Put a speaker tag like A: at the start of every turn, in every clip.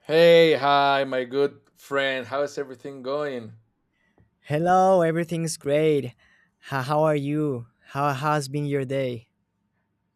A: Hey, hi, my good friend. How is everything going?
B: Hello, everything's great. How are you? How has been your day?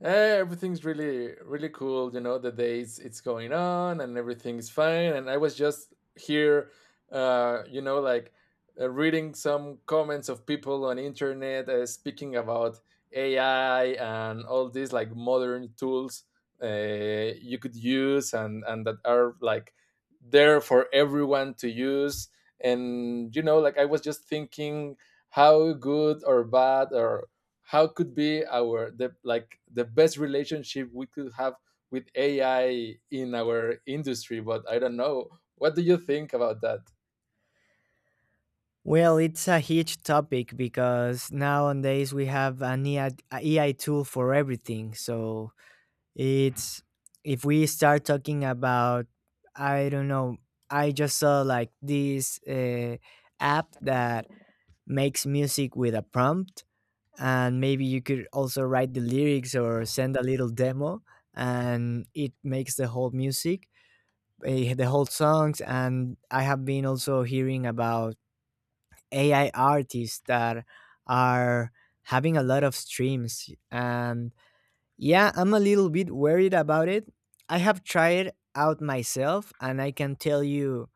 A: Everything's really cool, you know, the days it's going on and everything's fine, and I was just here uh you know like reading some comments of people on internet, speaking about ai and all these like modern tools you could use, and that are like there for everyone to use. And you know, like, I was just thinking how good or bad or how could be our the like the best relationship we could have with AI in our industry. But I don't know. What do you think about that?
B: Well, it's a huge topic because nowadays we have an AI tool for everything. So it's if we start talking about, I don't know, I just saw like this app that makes music with a prompt, and maybe you could also write the lyrics or send a little demo, and it makes the whole music the whole songs. And I have been also hearing about AI artists that are having a lot of streams. And yeah, I'm a little bit worried about it. I have tried out myself and I can tell you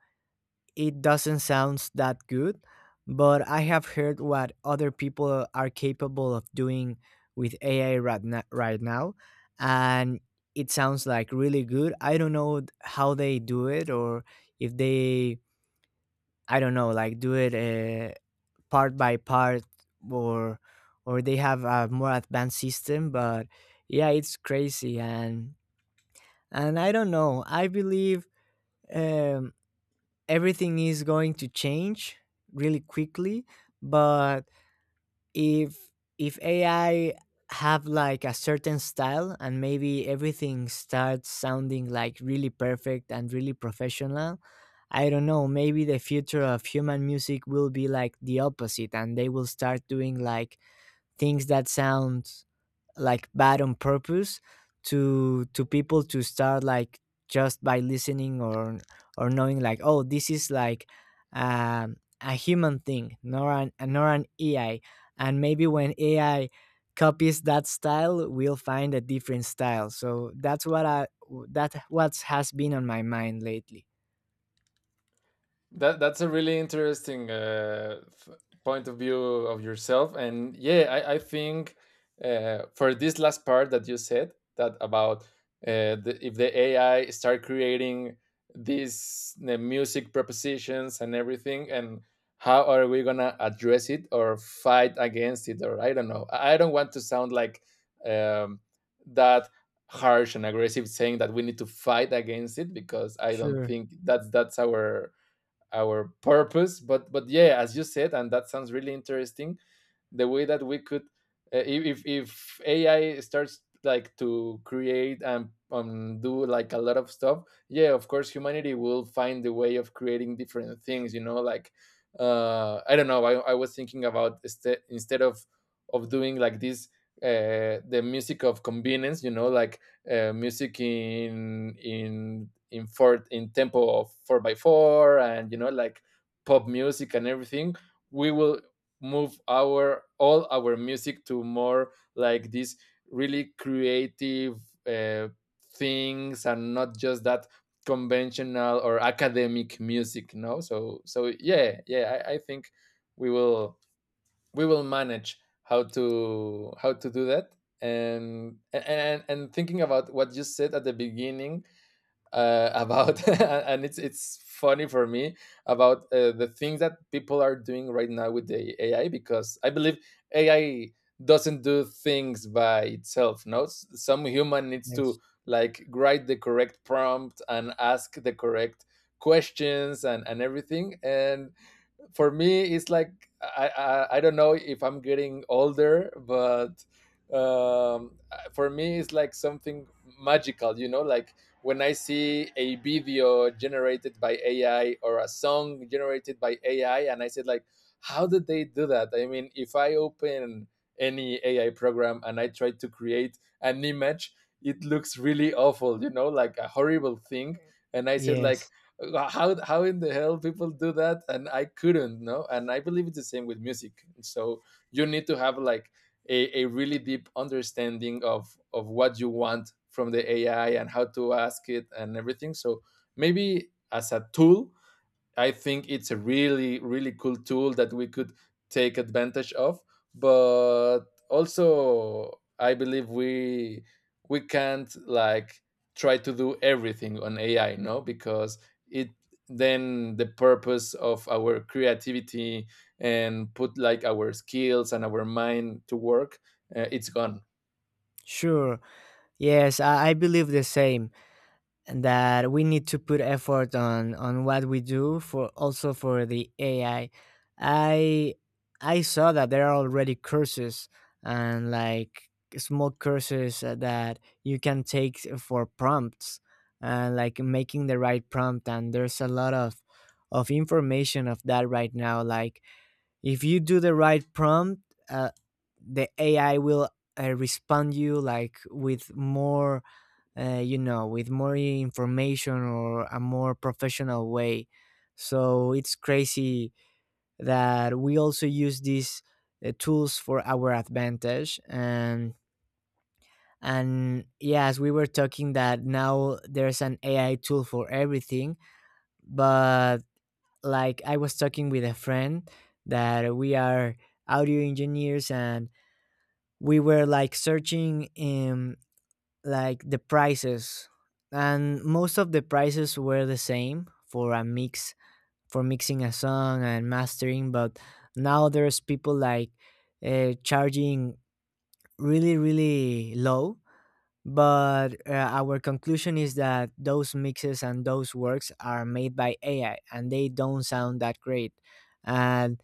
B: it doesn't sound that good, but I have heard what other people are capable of doing with AI right, right now, and it sounds like really good. I don't know how they do it, or if they, I don't know, like do it part by part, or or they have a more advanced system. But yeah, it's crazy. And I don't know. I believe. Um, Everything is going to change really quickly. But if if AI have like a certain style and maybe everything starts sounding like really perfect and really professional, I don't know, maybe the future of human music will be like the opposite, and they will start doing like things that sound like bad on purpose, to people to start like just by listening, or knowing like, oh, this is like um, a human thing nor an nor an AI. And maybe when AI copies that style, we'll find a different style. So that's what I that what has been on my mind lately.
A: That's a really interesting point of view of yourself, and yeah, I think, for this last part that you said, that about the, if the AI start creating the music propositions and everything, and how are we gonna address it or fight against it? Or I don't know. I don't want to sound like um, that harsh and aggressive, saying that we need to fight against it, because I don't
B: Sure.
A: think that's our purpose. But yeah, as you said, and that sounds really interesting, the way that we could, if AI starts like to create and do like a lot of stuff, yeah, of course humanity will find the way of creating different things. You know, like, I don't know. I was thinking about instead of doing like this the music of convenience. You know, like music in tempo of four by four, and you know, like, pop music and everything. We will move our all our music to more like these really creative uh, things, and not just that conventional or academic music, no. So so yeah, yeah, I think we will, we will manage how to, how to do that. And thinking about what you said at the beginning, about and it's funny for me about the things that people are doing right now with the AI. Because I believe AI doesn't do things by itself. No, some human needs
B: Yes.
A: to like write the correct prompt and ask the correct questions and everything. And for me it's like, I don't know if I'm getting older, but um for me it's like something magical, you know, like when I see a video generated by ai or a song generated by ai, and I said like, how did they do that? I mean, if I open any ai program and I try to create an image, it looks really awful, you know, like a horrible thing. And I said like,
B: Yes.
A: how in the hell people do that, and I couldn't. No, and I believe it's the same with music. So you need to have like a really deep understanding of what you want from the ai and how to ask it and everything. So maybe as a tool, I think it's a really, really cool tool that we could take advantage of. But also, I believe we can't like try to do everything on AI, no, because it, then the purpose of our creativity and put like our skills and our mind to work, it's gone.
B: Sure. Yes, I believe the same, and that we need to put effort on what we do for also for the AI. I I saw that there are already courses, and like small courses that you can take for prompts, and like making the right prompt. And there's a lot of information of that right now. Like if you do the right prompt, uh, the AI will respond you like with more you know, with more information or a more professional way. So it's crazy that we also use these tools for our advantage. And yes, we were talking that now there's an AI tool for everything. But like I was talking with a friend that we are audio engineers, and we were like searching like the prices, and most of the prices were the same for a mix, for mixing a song and mastering. But now there's people like charging really really low, but our conclusion is that those mixes and those works are made by AI and they don't sound that great. and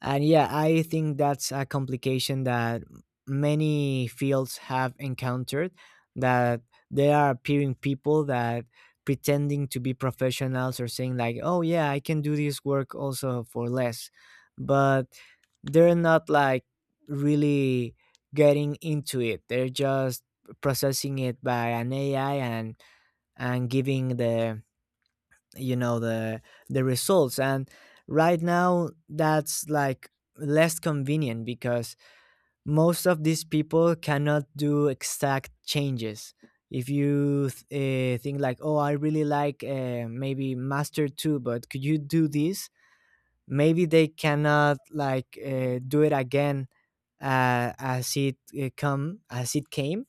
B: and yeah, I think that's a complication that many fields have encountered, that there are appearing people that pretending to be professionals, or saying like, "Oh yeah, I can do this work also for less." But they're not like really getting into it. They're just processing it by an AI, and giving the, you know, the results. And right now that's like less convenient, because most of these people cannot do exact changes. If you think like, oh, I really like maybe master 2, but could you do this, maybe they cannot like do it again as it come as it came,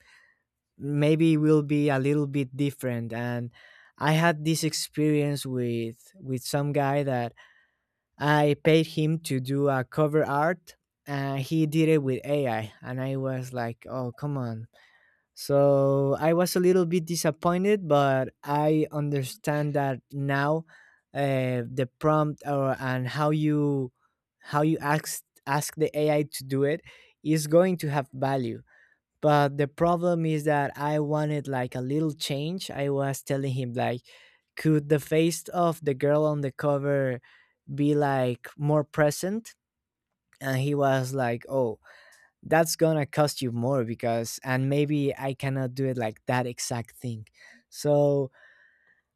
B: maybe will be a little bit different. And I had this experience with some guy that I paid him to do a cover art, and he did it with AI, and I was like, oh, come on. So I was a little bit disappointed, but I understand that now the prompt or and how you ask the AI to do it is going to have value. But the problem is that I wanted like a little change. I was telling him like, could the face of the girl on the cover be like more present? And he was like, oh, that's gonna cost you more, because and maybe I cannot do it like that exact thing. So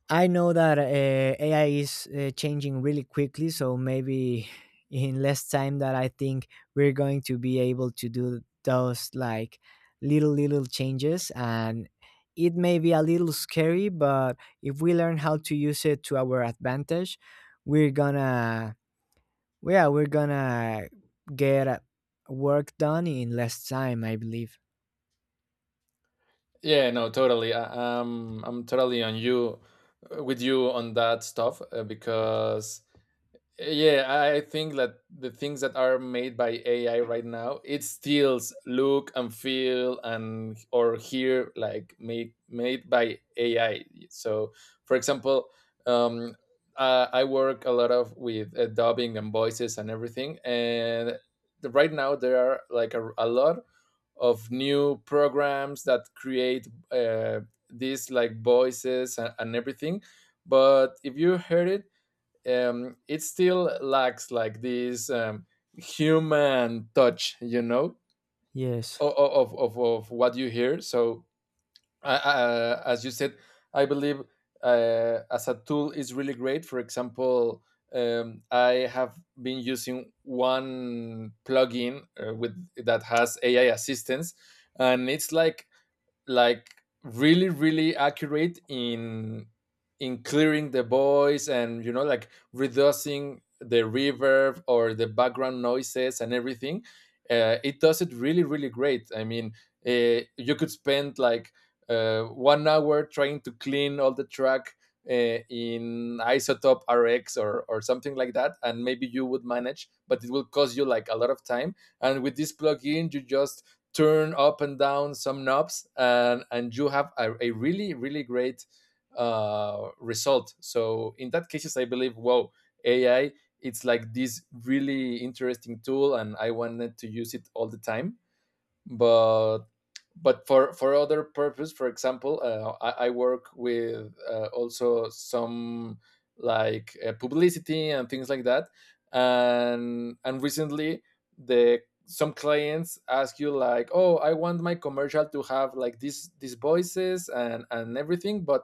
B: I know that AI is changing really quickly, so maybe in less time that I think we're going to be able to do those like little changes. And it may be a little scary, but if we learn how to use it to our advantage, we're gonna, yeah, we're gonna get work done in less time, I believe.
A: Yeah, no, totally. I, I'm totally on you, with you on that stuff, because yeah, I think that the things that are made by ai right now, it still look and feel and or hear like made by ai. So for example, um I work a lot of with dubbing and voices and everything. And right now there are like a lot of new programs that create these like voices and everything. But if you heard it, it still lacks like this human touch, you know,
B: Yes.
A: of what you hear. So, as you said, I believe, as a tool is really great. For example, I have been using one plugin with that has AI assistance, and it's like really really accurate in clearing the voice, and you know, like, reducing the reverb or the background noises and everything. It does it really really great. I mean, you could spend like 1 hour trying to clean all the track in isotope rx or something like that, and maybe you would manage, but it will cost you like a lot of time. And with this plugin you just turn up and down some knobs, and you have a really really great result. So in that cases I believe, wow, ai, it's like this really interesting tool and I wanted to use it all the time. but but for other purpose, for example, I work with also some like publicity and things like that. And recently, the some clients ask you like, oh, I want my commercial to have like these voices and everything, but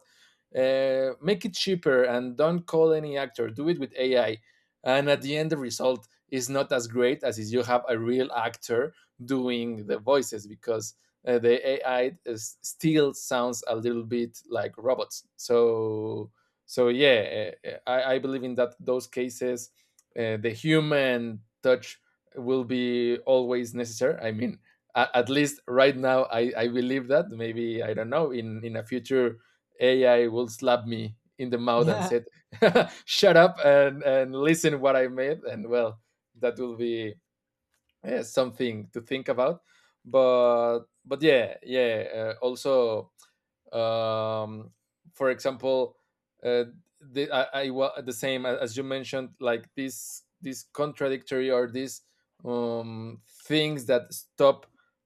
A: make it cheaper and don't call any actor, do it with ai. And at the end, the result is not as great as if you have a real actor doing the voices, because the AI is, still sounds a little bit like robots. So so yeah, I believe in that those cases, the human touch will be always necessary. I mean, at least right now, I believe that. Maybe I don't know. In a future, AI will slap me in the mouth and
B: Yeah.
A: said, "Shut up and listen what I made." And well, that will be, yeah, something to think about. But yeah, yeah. Also, um, for example, uh, the, the same as you mentioned, like this contradictory, or these um, things that stop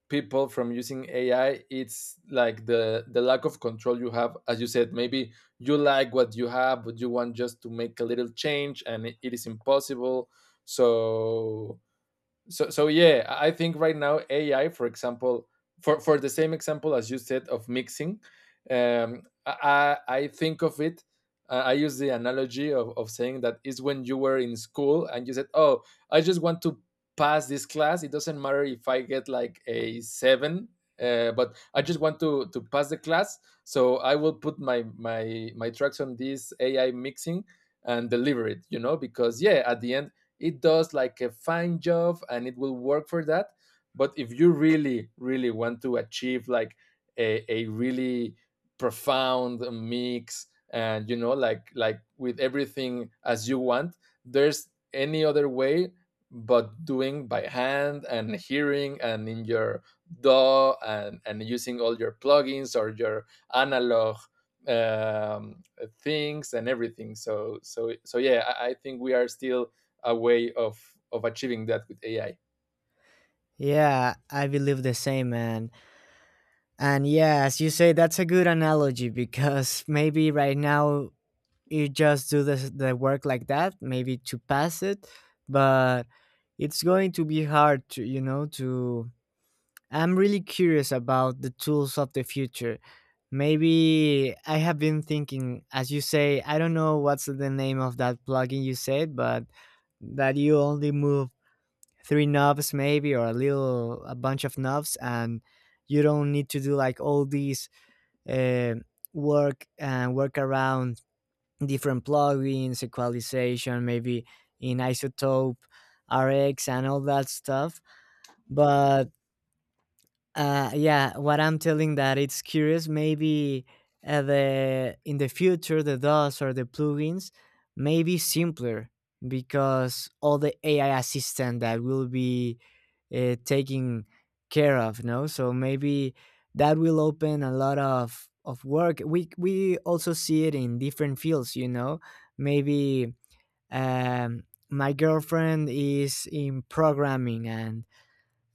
A: people from using AI. It's like the lack of control you have, as you said. Maybe you like what you have, but you want just to make a little change, and it is impossible. So so so yeah, I think right now ai, for example, for the same example as you said of mixing, I think of it, I use the analogy of saying that is when you were in school and you said, oh, I just want to pass this class, it doesn't matter if I get like a seven, but I just want to pass the class. So I will put my tracks on this ai mixing and deliver it, you know, because yeah, at the end it does like a fine job and it will work for that. But if you really really want to achieve like a really profound mix, and you know, like with everything as you want, there's any other way but doing by hand and hearing and in your DAW, and using all your plugins or your analog um, things and everything. So so so yeah, I think we are still a way of achieving that with AI.
B: Yeah, I believe the same, man. And yes, you say that's a good analogy because maybe right now you just do the work like that, maybe to pass it, but it's going to be hard to, you know, to, I'm really curious about the tools of the future. Maybe I have been thinking, as you say, I don't know what's the name of that plugin you said, but that you only move three knobs maybe, or a little a bunch of knobs, and you don't need to do like all these uh, work and work around different plugins, equalization, maybe in isotope, RX, and all that stuff. But yeah, what I'm telling that it's curious. Maybe the in the future the DOS or the plugins may be simpler, because all the AI assistant that will be taking care of. No, so maybe that will open a lot of work. We also see it in different fields. You know, maybe um, my girlfriend is in programming, and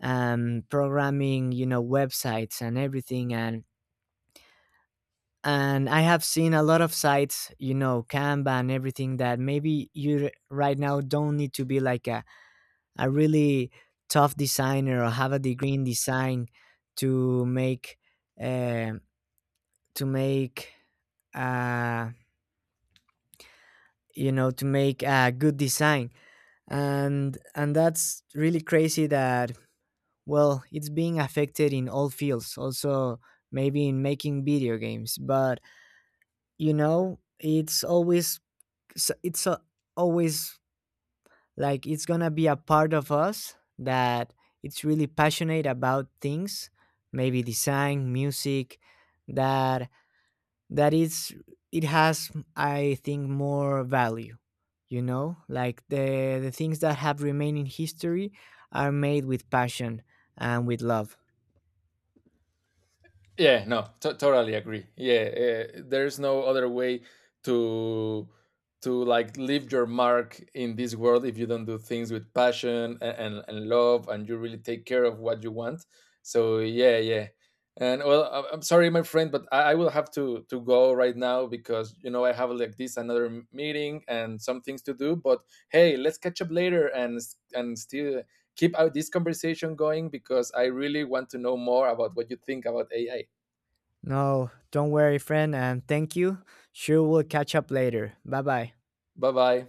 B: programming, you know, websites and everything. And I have seen a lot of sites, you know, Canva and everything, that maybe you right now don't need to be like a really tough designer or have a degree in design to make uh, to make uh, you know, to make a good design. And that's really crazy that, well, it's being affected in all fields, also maybe in making video games. But you know, it's always s- it's a, always like it's going to be a part of us that it's really passionate about things, maybe design, music, that that is it has I think more value, you know? Like the things that have remained in history are made with passion and with love.
A: Yeah, no, totally agree. Yeah, there's no other way to to like leave your mark in this world if you don't do things with passion and love, and you really take care of what you want. So yeah, yeah. And well, I'm sorry, my friend, but I will have to go right now, because you know I have like this another meeting and some things to do. But hey, let's catch up later, and and still keep out this conversation going, because I really want to know more about what you think about AI.
B: No, don't worry, friend, and thank you. Sure, we'll catch up later. Bye bye.
A: Bye bye.